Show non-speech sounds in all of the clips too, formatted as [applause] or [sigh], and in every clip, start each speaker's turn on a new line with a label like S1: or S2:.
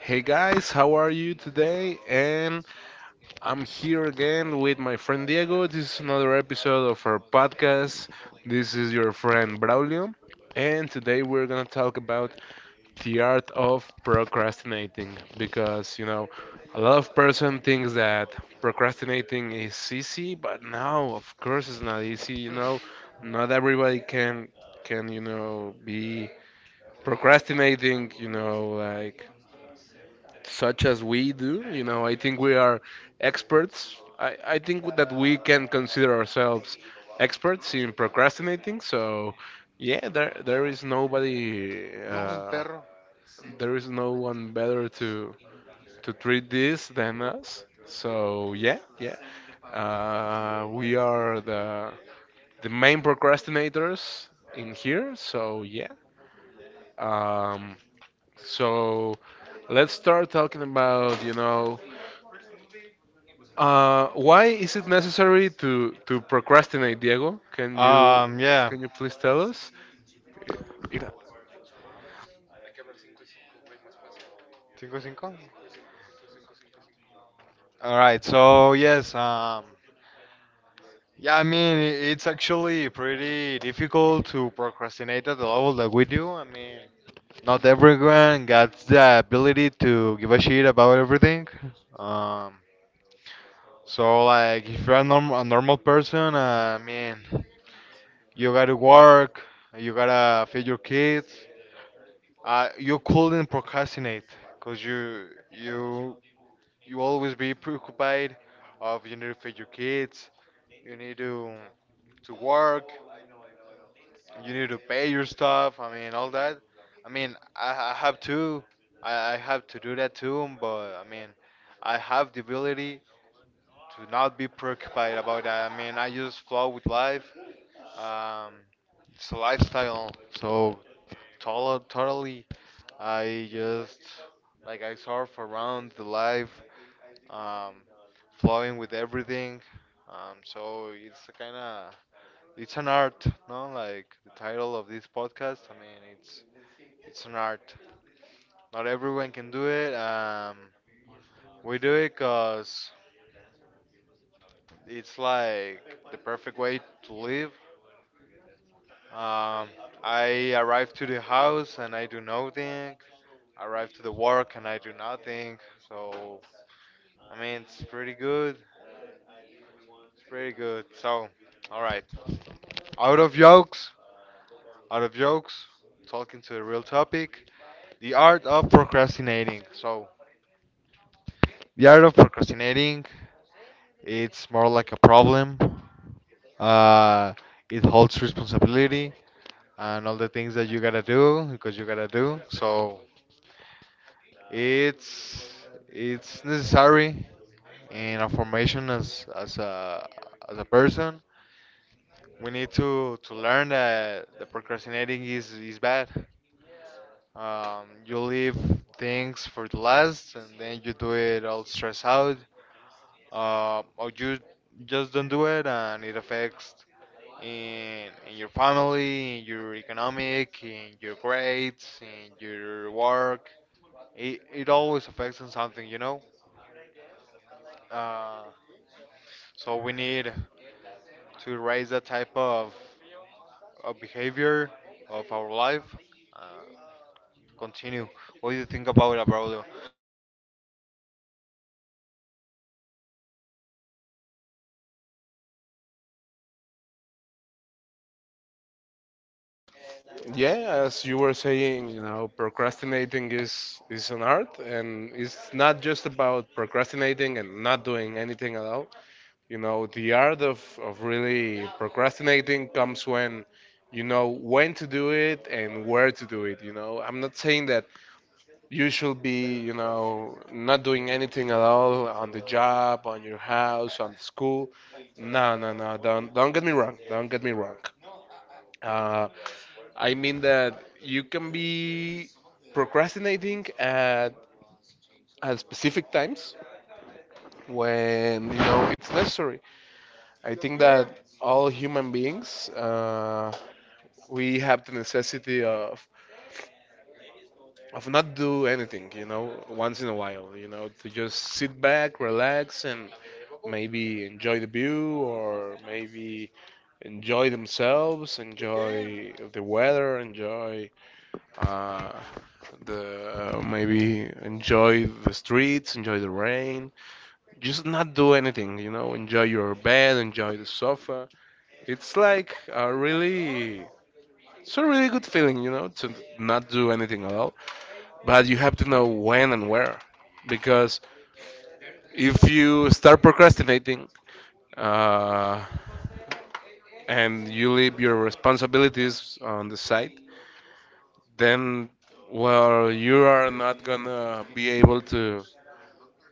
S1: Hey guys, how are you today? And I'm here again with my friend Diego. This is another episode of our podcast. This is your friend Braulio. And today we're going to talk about the art of procrastinating because, you know, a lot of person thinks that procrastinating is easy, but no, of course it's not easy, you know. Not everybody can be procrastinating, like such as we do. I think we are experts. I think that we can consider ourselves experts in procrastinating. So, yeah, there is nobody,
S2: Un perro.
S1: there is no one better to treat this than us. So, yeah, yeah, we are the main procrastinators in here. So, yeah. Um, so let's start talking about, why is it necessary to procrastinate, Diego? Can you
S2: Um, yeah.
S1: can you please tell us? It,
S2: Cinco cinco. All right. I mean, it's actually pretty difficult to procrastinate at the level that we do. I mean, not everyone gets the ability to give a shit about everything. Um. So like if you're a normal person, I mean, you gotta work, you gotta feed your kids. You couldn't procrastinate because you you always be preoccupied of you need to feed your kids, you need to work, you need to pay your stuff. I mean all that. I mean I have to I have to do that too, but I mean I have the ability to not be preoccupied about that. I mean, I just flow with life. Um, it's a lifestyle, so totally, I just like I surf around the life, um, flowing with everything. So it's a kind of it's an art, no? Like the title of this podcast. I mean, it's an art. Not everyone can do it. We do it 'cause it's like the perfect way to live. Um, I arrive to the house and I do nothing. Arrive to the work and I do nothing. So I mean, it's pretty good. It's pretty good. So, all right. Out of jokes. Out of jokes. Talking to the real topic. The art of procrastinating. So, the art of procrastinating. It's more like a problem. Uh, it holds responsibility and all the things that you gotta do because you gotta do. So. It's it's necessary in our formation as as a person. We need to learn that the procrastinating is bad. You leave things for the last, and then you do it all stressed out, or you just don't do it, and it affects in your family, in your economic, in your grades, in your work. It always affects on something, you know. Uh, so we need to raise that type of behavior of our life. Uh, continue. What do you think about it, Braulio?
S1: yeah, as you were saying, procrastinating is an art, and it's not just about procrastinating and not doing anything at all. The art of really procrastinating comes when you know when to do it and where to do it. I'm not saying that you should be, not doing anything at all on the job, on your house, on school. No, no, no. Don't get me wrong. Don't get me wrong. Uh, I mean that you can be procrastinating at specific times when you know it's necessary. I think that all human beings we have the necessity of not do anything, once in a while, to just sit back, relax, and maybe enjoy the view or maybe enjoy themselves, enjoy the weather, enjoy uh, the maybe enjoy the streets, enjoy the rain. Just not do anything. Enjoy your bed, enjoy the sofa. It's like a really it's a really good feeling, to not do anything at all. But you have to know when and where, because if you start procrastinating, uh, and you leave your responsibilities on the side, then well, you are not gonna be able to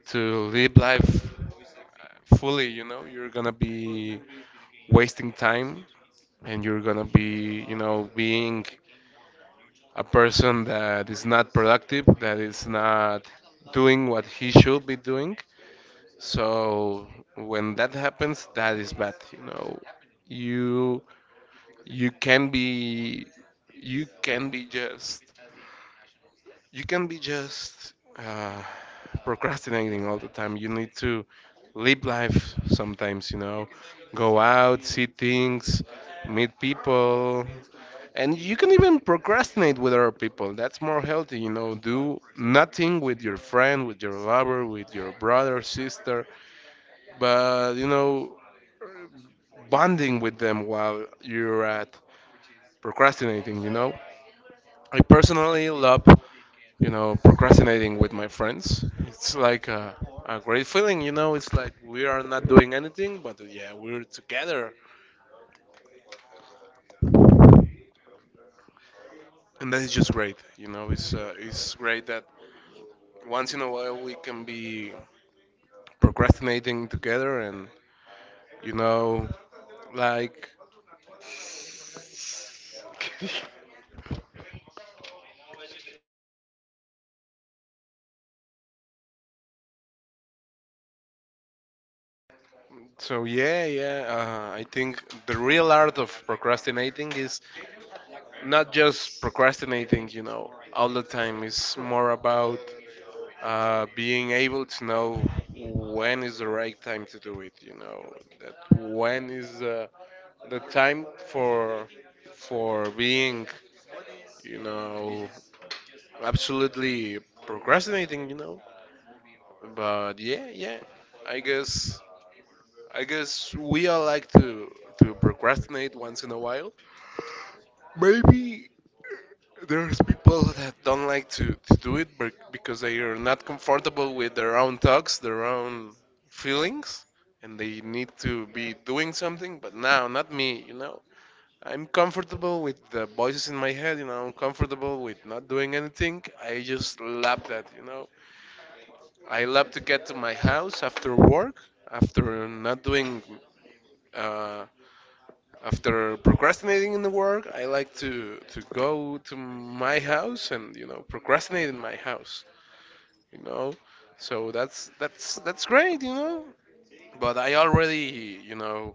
S1: live life fully. You're gonna be wasting time, and you're gonna be, being a person that is not productive, that is not doing what he should be doing. So when that happens, that is bad. You you can be you can be just you can be just uh, procrastinating all the time. You need to live life sometimes, go out, see things, meet people, and you can even procrastinate with other people. That's more healthy, do nothing with your friend, with your lover, with your brother, sister, but, bonding with them while you're at procrastinating. I personally love, procrastinating with my friends. It's like a great feeling. It's like we are not doing anything, but yeah, we're together, and that is just great. It's great that once in a while we can be procrastinating together, and you know, like [laughs] so yeah, yeah. I think the real art of procrastinating is not just procrastinating, all the time. It's more about being able to know when is the right time to do it, that when is the time for being, you know, absolutely procrastinating. But yeah, yeah, I guess I guess we all like to procrastinate once in a while. Maybe there's people that don't like to do it because they are not comfortable with their own thoughts, their own feelings, and they need to be doing something. But now, not me. I'm comfortable with the voices in my head. I'm comfortable with not doing anything. I just love that. I love to get to my house after work, after not doing uh, after procrastinating in the work, I like to go to my house and procrastinate in my house. You know, so that's great. But I already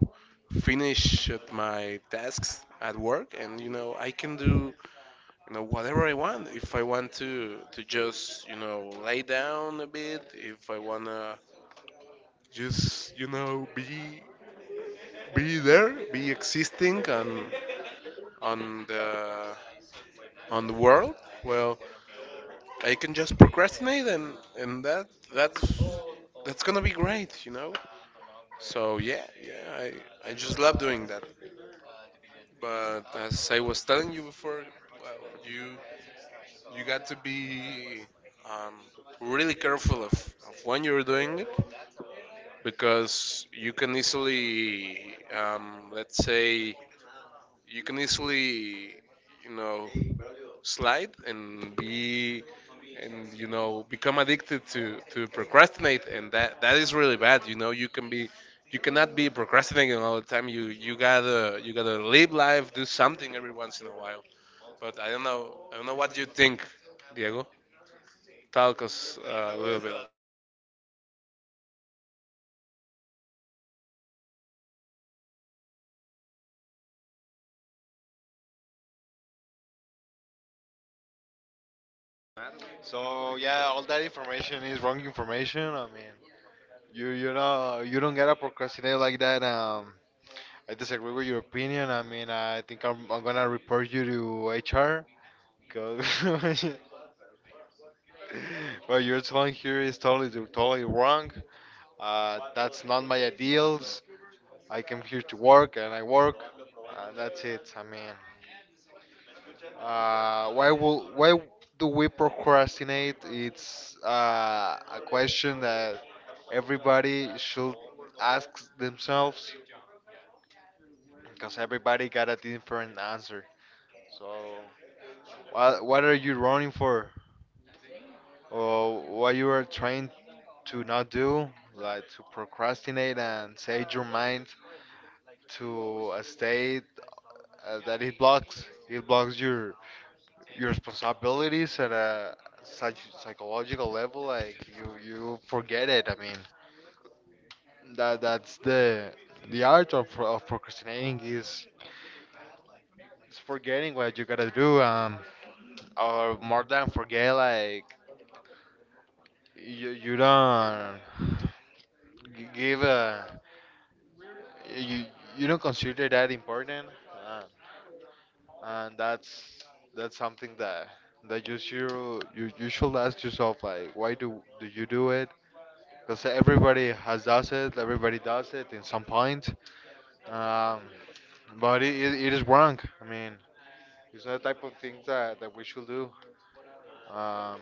S1: finished my tasks at work, and I can do whatever I want. If I want to just lay down a bit, if I wanna just be there, be existing on the on the world, well, I can just procrastinate and that's that's gonna be great. So yeah, yeah, I just love doing that. But as I was telling you before, well, you got to be um, really careful of when you're doing it because you can easily let's say you can easily, you know, slide and be and become addicted to procrastinate and that is really bad. You cannot be procrastinating all the time. You gotta live life, do something every once in a while. But I don't know what you think, Diego. Talk us a little bit.
S2: So yeah, all that information is wrong information. I mean, you know you don't gotta procrastinate like that. I disagree with your opinion. I mean, I'm gonna report you to HR because [laughs] what you're telling here is totally totally wrong. That's not my ideals. I came here to work and I work, and that's it. I mean, why do we procrastinate? It's a question that everybody should ask themselves because everybody got a different answer. So, what are you running for, or what you are trying to not do, like to procrastinate and set your mind to a state that it blocks your responsibilities at a such psychological level like you forget it. I mean that's the art of procrastinating is forgetting what you gotta do, or more than forget like you don't give a you you don't consider that important, uh, and that's something that that you should you, you should ask yourself like why do do you do it because everybody has does it, everybody does it in some point. Um, but it is wrong. I mean, it's not the type of things that, that we should do. Um,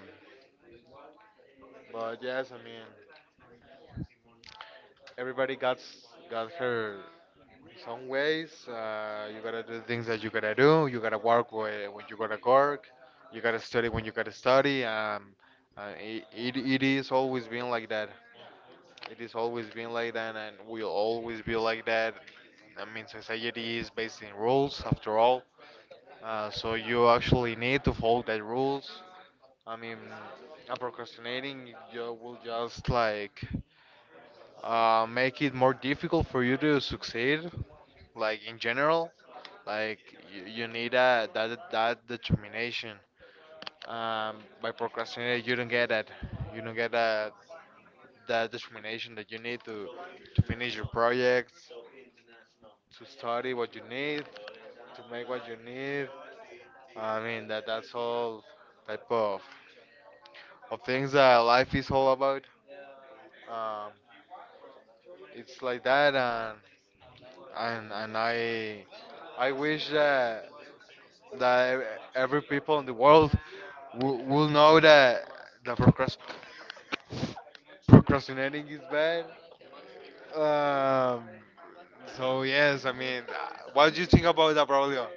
S2: but yes, I mean, everybody got got her some ways. You gotta do the things that you gotta do. You gotta work when you gotta work. You gotta study when you gotta study. It is always been like that. It is always been like that and will always be like that. I mean, society is based in rules after all. So you actually need to follow that rules. I mean, procrastinating you will just like make it more difficult for you to succeed. Like in general, like you need that that determination. Um, by procrastinating, you don't get that. You don't get that determination that you need to finish your projects, to study what you need, to make what you need. I mean that's all type of things that life is all about. Um, it's like that, and and and I I wish that every people in the world will know that procrastinating is bad. Um, so yes, I mean, what do you think about that, Braulio?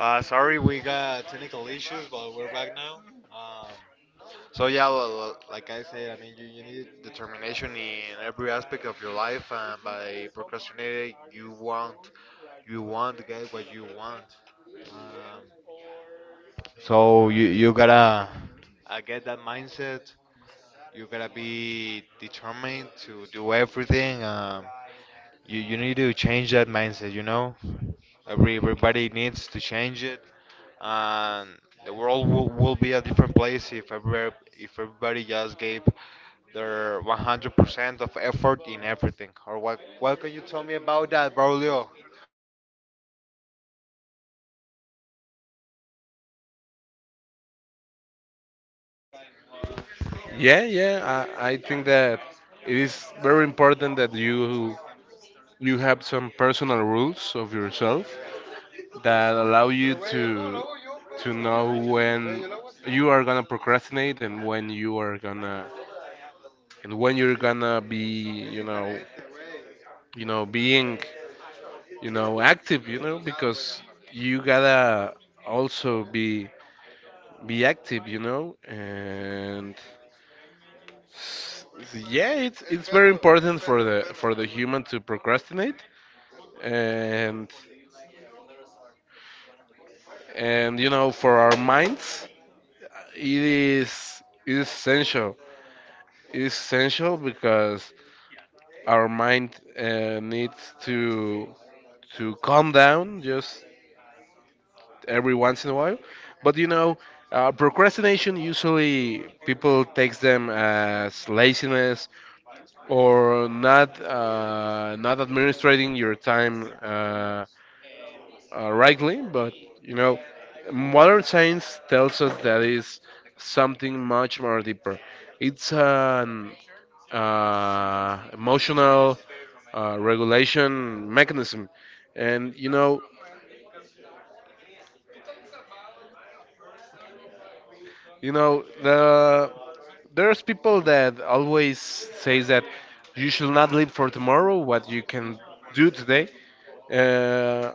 S2: Sorry, we got technical issues, but we're back. So yeah, well, well, like I said, I mean, you need determination in every aspect of your life, and by procrastinating, you want to get what you want. Um, so you you gotta get that mindset. You gotta be determined to do everything. You you need to change that mindset, you know. Everybody needs to change it, and the world will be a different place if if everybody just gave their 100% of effort in everything. Or what? What can you tell me about that, Braulio?
S1: Yeah, yeah, I think that it is very important that you have some personal rules of yourself that allow you to know when you are gonna procrastinate and when you're gonna be, being, active, you know, because you gotta also be active, and s- yeah, it's very important for the human to procrastinate, and for our minds it is essential because our mind needs to calm down just every once in a while. But procrastination usually people takes them as laziness or not administrating your time, rightly, but you know, modern science tells us that is something much more deeper. It's an emotional regulation mechanism, and you know the there's people that always says that you should not live for tomorrow what you can do today. Uh,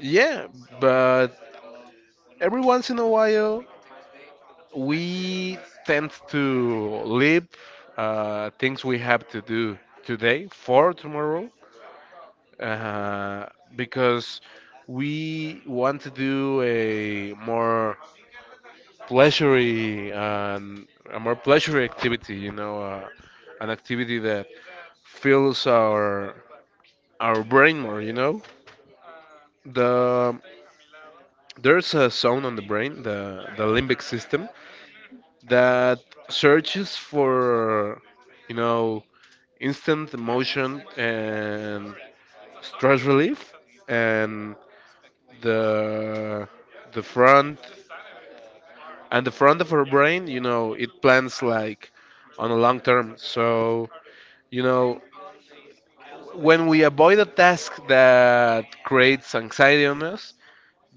S1: yeah, but every once in a while we tend to leave things we have to do today for tomorrow, uh, because we want to do pleasury um, a more pleasury activity, an activity that fills our brain more. The there's a zone on the brain, the limbic system, that searches for, you know instant motion and stress relief, and the the front the front of her brain, it plans like on a long term. So you know, when we avoid a task that creates anxiety on us,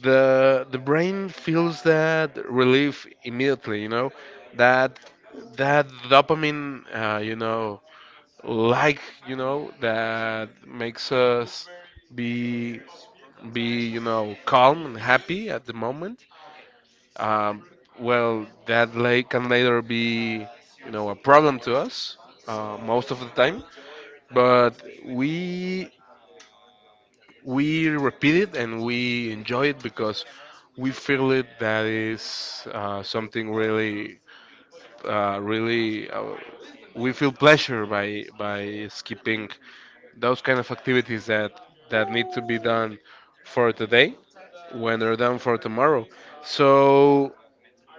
S1: the brain feels that relief immediately. That that dopamine, like that makes us be be calm and happy at the moment. um, well that late can later be a problem to us most of the time. But we we repeat it and we enjoy it because we feel it that is something really really we feel pleasure by skipping those kind of activities that need to be done for today when they're done for tomorrow. So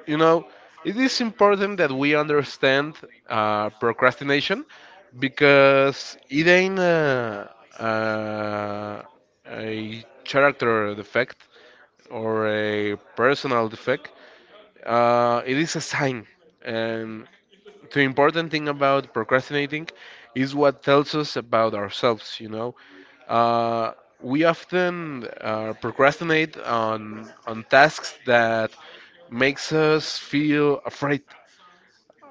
S1: you know, it is important that we understand procrastination, because it ain't a, a character defect or a personal defect. It is a sign, and the important thing about procrastinating is what tells us about ourselves uh, we often procrastinate on tasks that makes us feel afraid,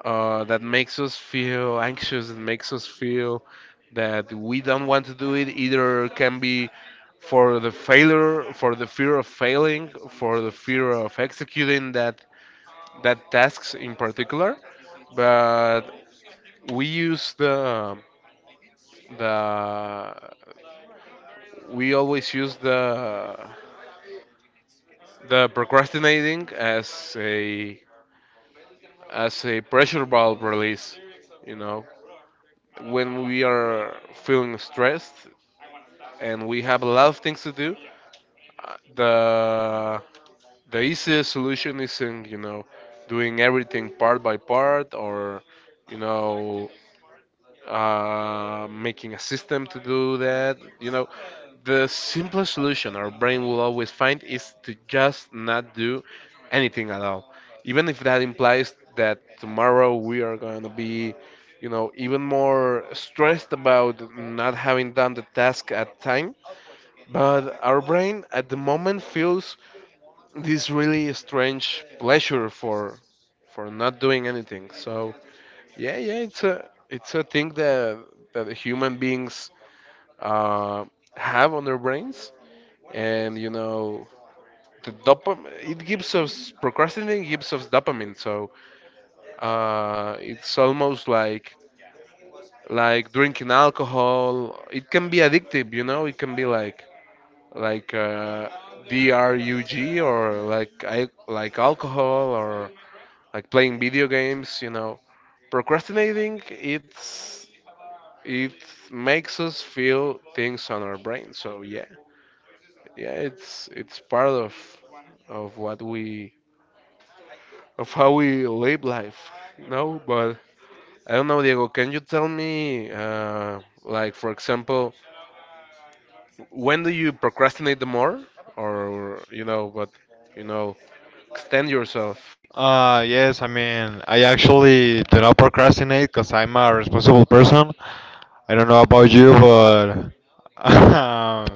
S1: that makes us feel anxious and makes us feel that we don't want to do it, either can be for the failure, for the fear of failing, for the fear of executing that tasks in particular. But we use the the we always use the procrastinating as a pressure valve release. you know when we are feeling stressed and we have a lot of things to do, uh, the the easiest solution isn't, doing everything part by part, or you know making a system to do that. The simplest solution our brain will always find is to just not do anything at all. Even if that implies that tomorrow we are going to be, even more stressed about not having done the task at time. But our brain at the moment feels this really strange pleasure for not doing anything. So yeah, yeah, it's a thing that human beings uh, have on their brains, and you know the dopam it gives us procrastinating gives us dopamine, so it's almost like drinking alcohol. It can be addictive. It can be like drug or like like alcohol or like playing video games. Procrastinating, it makes us feel things on our brain. So yeah, yeah, it's part of what we of how we live life. No, but I don't know, Diego. Can you tell me, like for example, when do you procrastinate the more, or but you know, extend yourself?
S2: Yes, I mean, I actually do not procrastinate because I'm a responsible person. I don't know about you, but [laughs] um,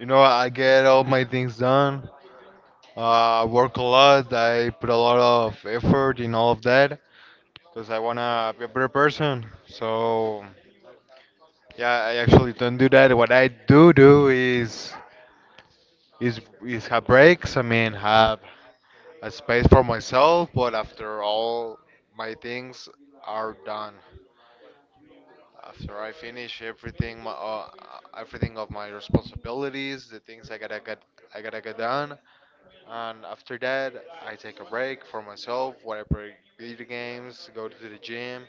S2: you know, I get all my things done. I work a lot. I put a lot of effort in all of that because I wanna be a better person. So yeah, I actually don't do that. What I do do is is have breaks. I mean, have a space for myself. But after all my things are done. After I finish everything, my, everything of my responsibilities, the things I gotta get done, and after that, I take a break for myself. Whatever, video games, go to the gym,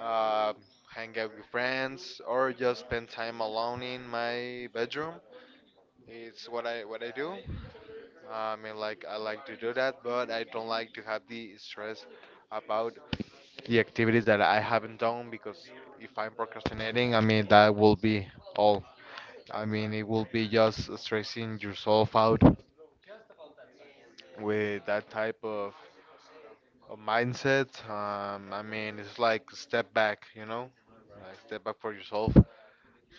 S2: uh, hang out with friends, or just spend time alone in my bedroom. It's what I do. I mean, like I like to do that, but I don't like to have the stress about the activities that I haven't done because if I'm procrastinating, I mean that will be all. I mean, it will be just stressing yourself out with that type of mindset. I mean, it's like step back, you know, like step back for yourself.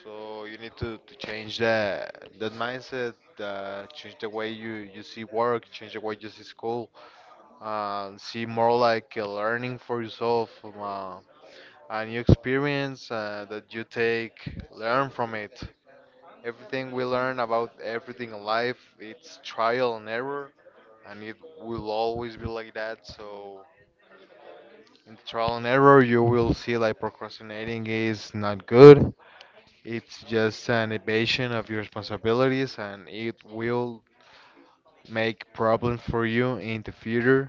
S2: So you need to change that mindset, change the way you see work, change the way you see school, see more like a learning for yourself, a new experience that you take, learn from it. Everything we learn about everything in life, it's trial and error, and it will always be like that. So in the trial and error, you will see like procrastinating is not good. It's just an evasion of your responsibilities, and it will make problems for you in the future.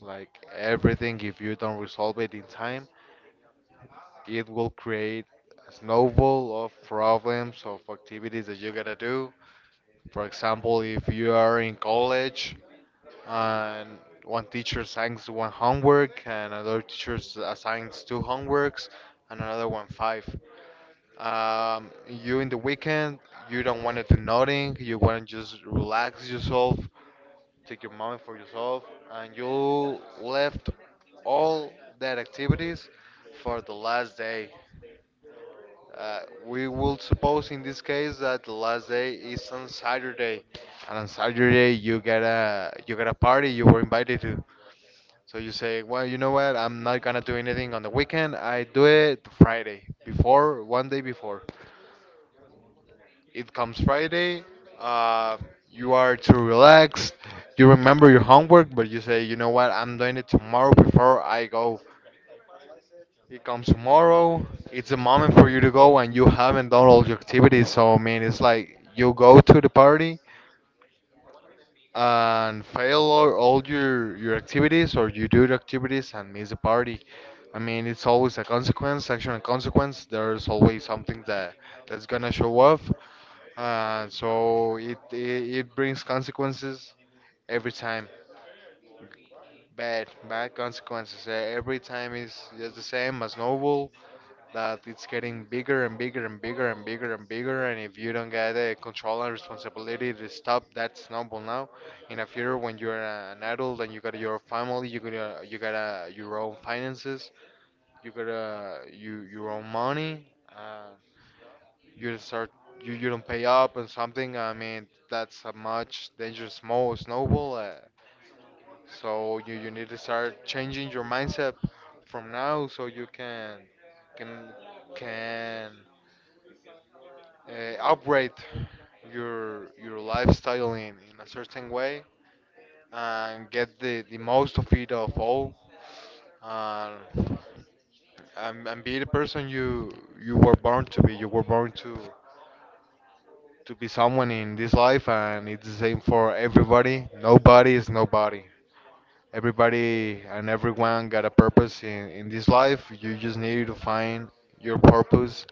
S2: Like everything, if you don't resolve it in time, it will create a snowball of problems, of activities that you gotta do. For example, if you are in college and one teacher assigns one homework and another teacher assigns two homeworks and another one five. You in the weekend, you don't want to do nothing, you want to just relax yourself, take your money for yourself, and you left all that activities for the last day. We will suppose in this case that the last day is on Saturday, and on Saturday you get a party you were invited to. So you say, well, you know what? I'm not gonna do anything on the weekend. I do it Friday before, 1 day before. It comes Friday. Uh, you are too relaxed. You remember your homework, but you say, you know what, I'm doing it tomorrow before I go. It comes tomorrow. It's a moment for you to go, and you haven't done all your activities. So, I mean, it's like you go to the party, and fail all your activities or you do the activities and miss the party. I mean, it's always a consequence, action and consequence. There's always something that that's gonna show up. So it brings consequences every time, bad bad consequences. Every time is just the same as novel. That it's getting bigger and bigger and bigger and bigger and bigger. And if you don't get the control and responsibility to stop that snowball now, in the future when you're an adult and you got your family, you gotta your own finances, you got to you your own money. You start you, you don't pay up and something. I mean that's a much dangerous small snowball. So you need to start changing your mindset from now so you can can upgrade your lifestyle in a certain way and get the most of it of all and, be the person you were born to be. You were born to be someone in this life and it's the same for everybody. Nobody is nobody. Everybody and everyone got a purpose in this life. You just need to find your purpose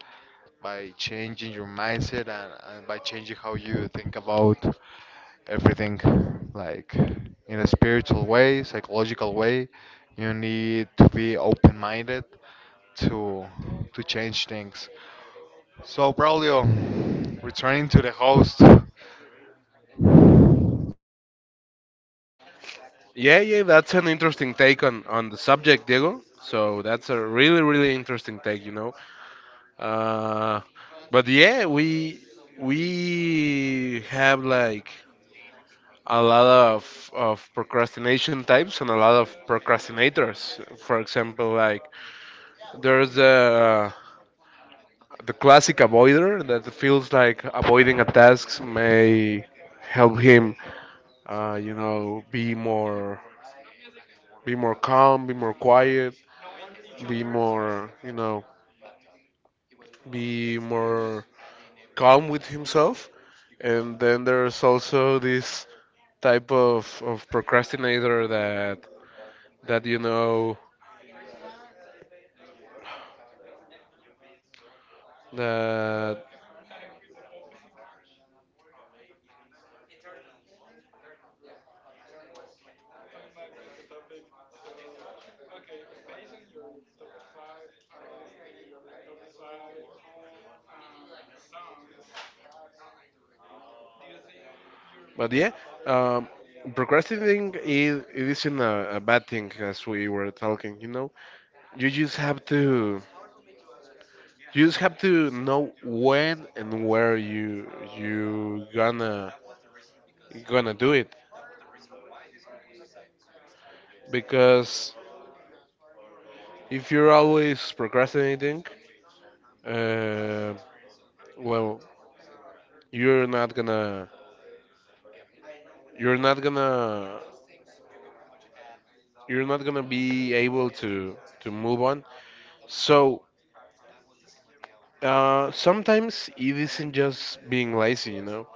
S2: by changing your mindset and by changing how you think about everything. Like in a spiritual way, psychological way, you need to be open minded to to change things. So Braulio, returning to the host.
S1: Yeah, yeah, that's an interesting take on the subject, Diego. So that's a really really interesting take. Uh, but yeah, we have like a lot of procrastination types and a lot of procrastinators. For example, like there's the classic avoider that feels like avoiding a task may help him, be more, calm, be more quiet, be more, be more calm with himself. And then there's also this type of procrastinator that that you know that but yeah, um, procrastinating is it isn't a bad thing, as we were talking, you just have to you just have to know when and where you gonna do it, because if you're always procrastinating, uh, well, you're not gonna you're not gonna you're not gonna be able to move on. So sometimes it isn't just being lazy,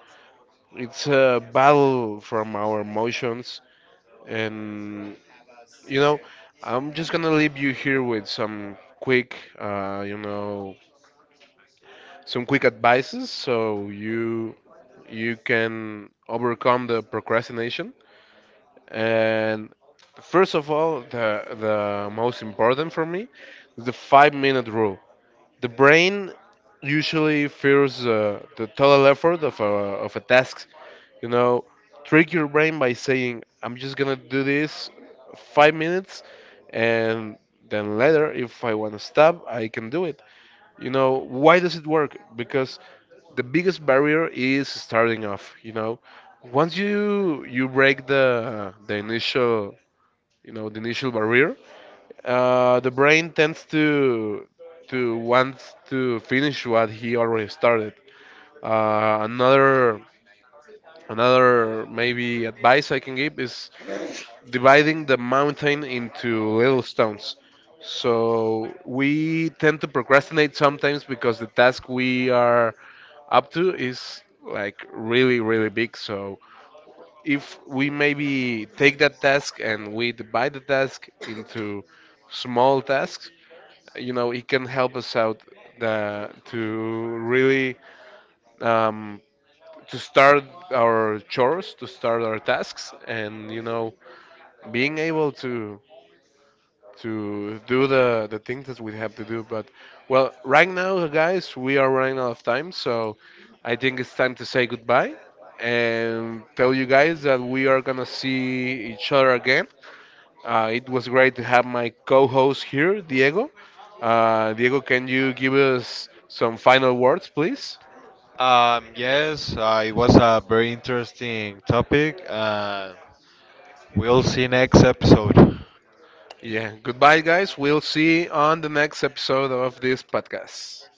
S1: It's a battle from our emotions, and you know, I'm just gonna leave you here with some quick, some quick advices so you can overcome the procrastination. And first of all, the most important for me is the 5-minute rule. The brain usually fears the total effort of a task. You know, trick your brain by saying, I'm just gonna do this 5 minutes, and then later, if I wanna stop, I can do it. Why does it work? Because the biggest barrier is starting off. Once you break the initial barrier, the brain tends to want to finish what he already started. Uh, another another maybe advice I can give is dividing the mountain into little stones. So we tend to procrastinate sometimes because the task we are up to is like really really big. So if we maybe take that task and we divide the task into small tasks, it can help us out, uh, to really um, to start our chores, to start our tasks, and being able to do the things that we have to do. But well, right now guys, we are running out of time, so I think it's time to say goodbye and tell you guys that we are gonna see each other again. It was great to have my co-host here, Diego. Diego, can you give us some final words, please?
S2: Yes, it was a very interesting topic. We'll see you next episode.
S1: Yeah. Goodbye, guys. We'll see you on the next episode of this podcast.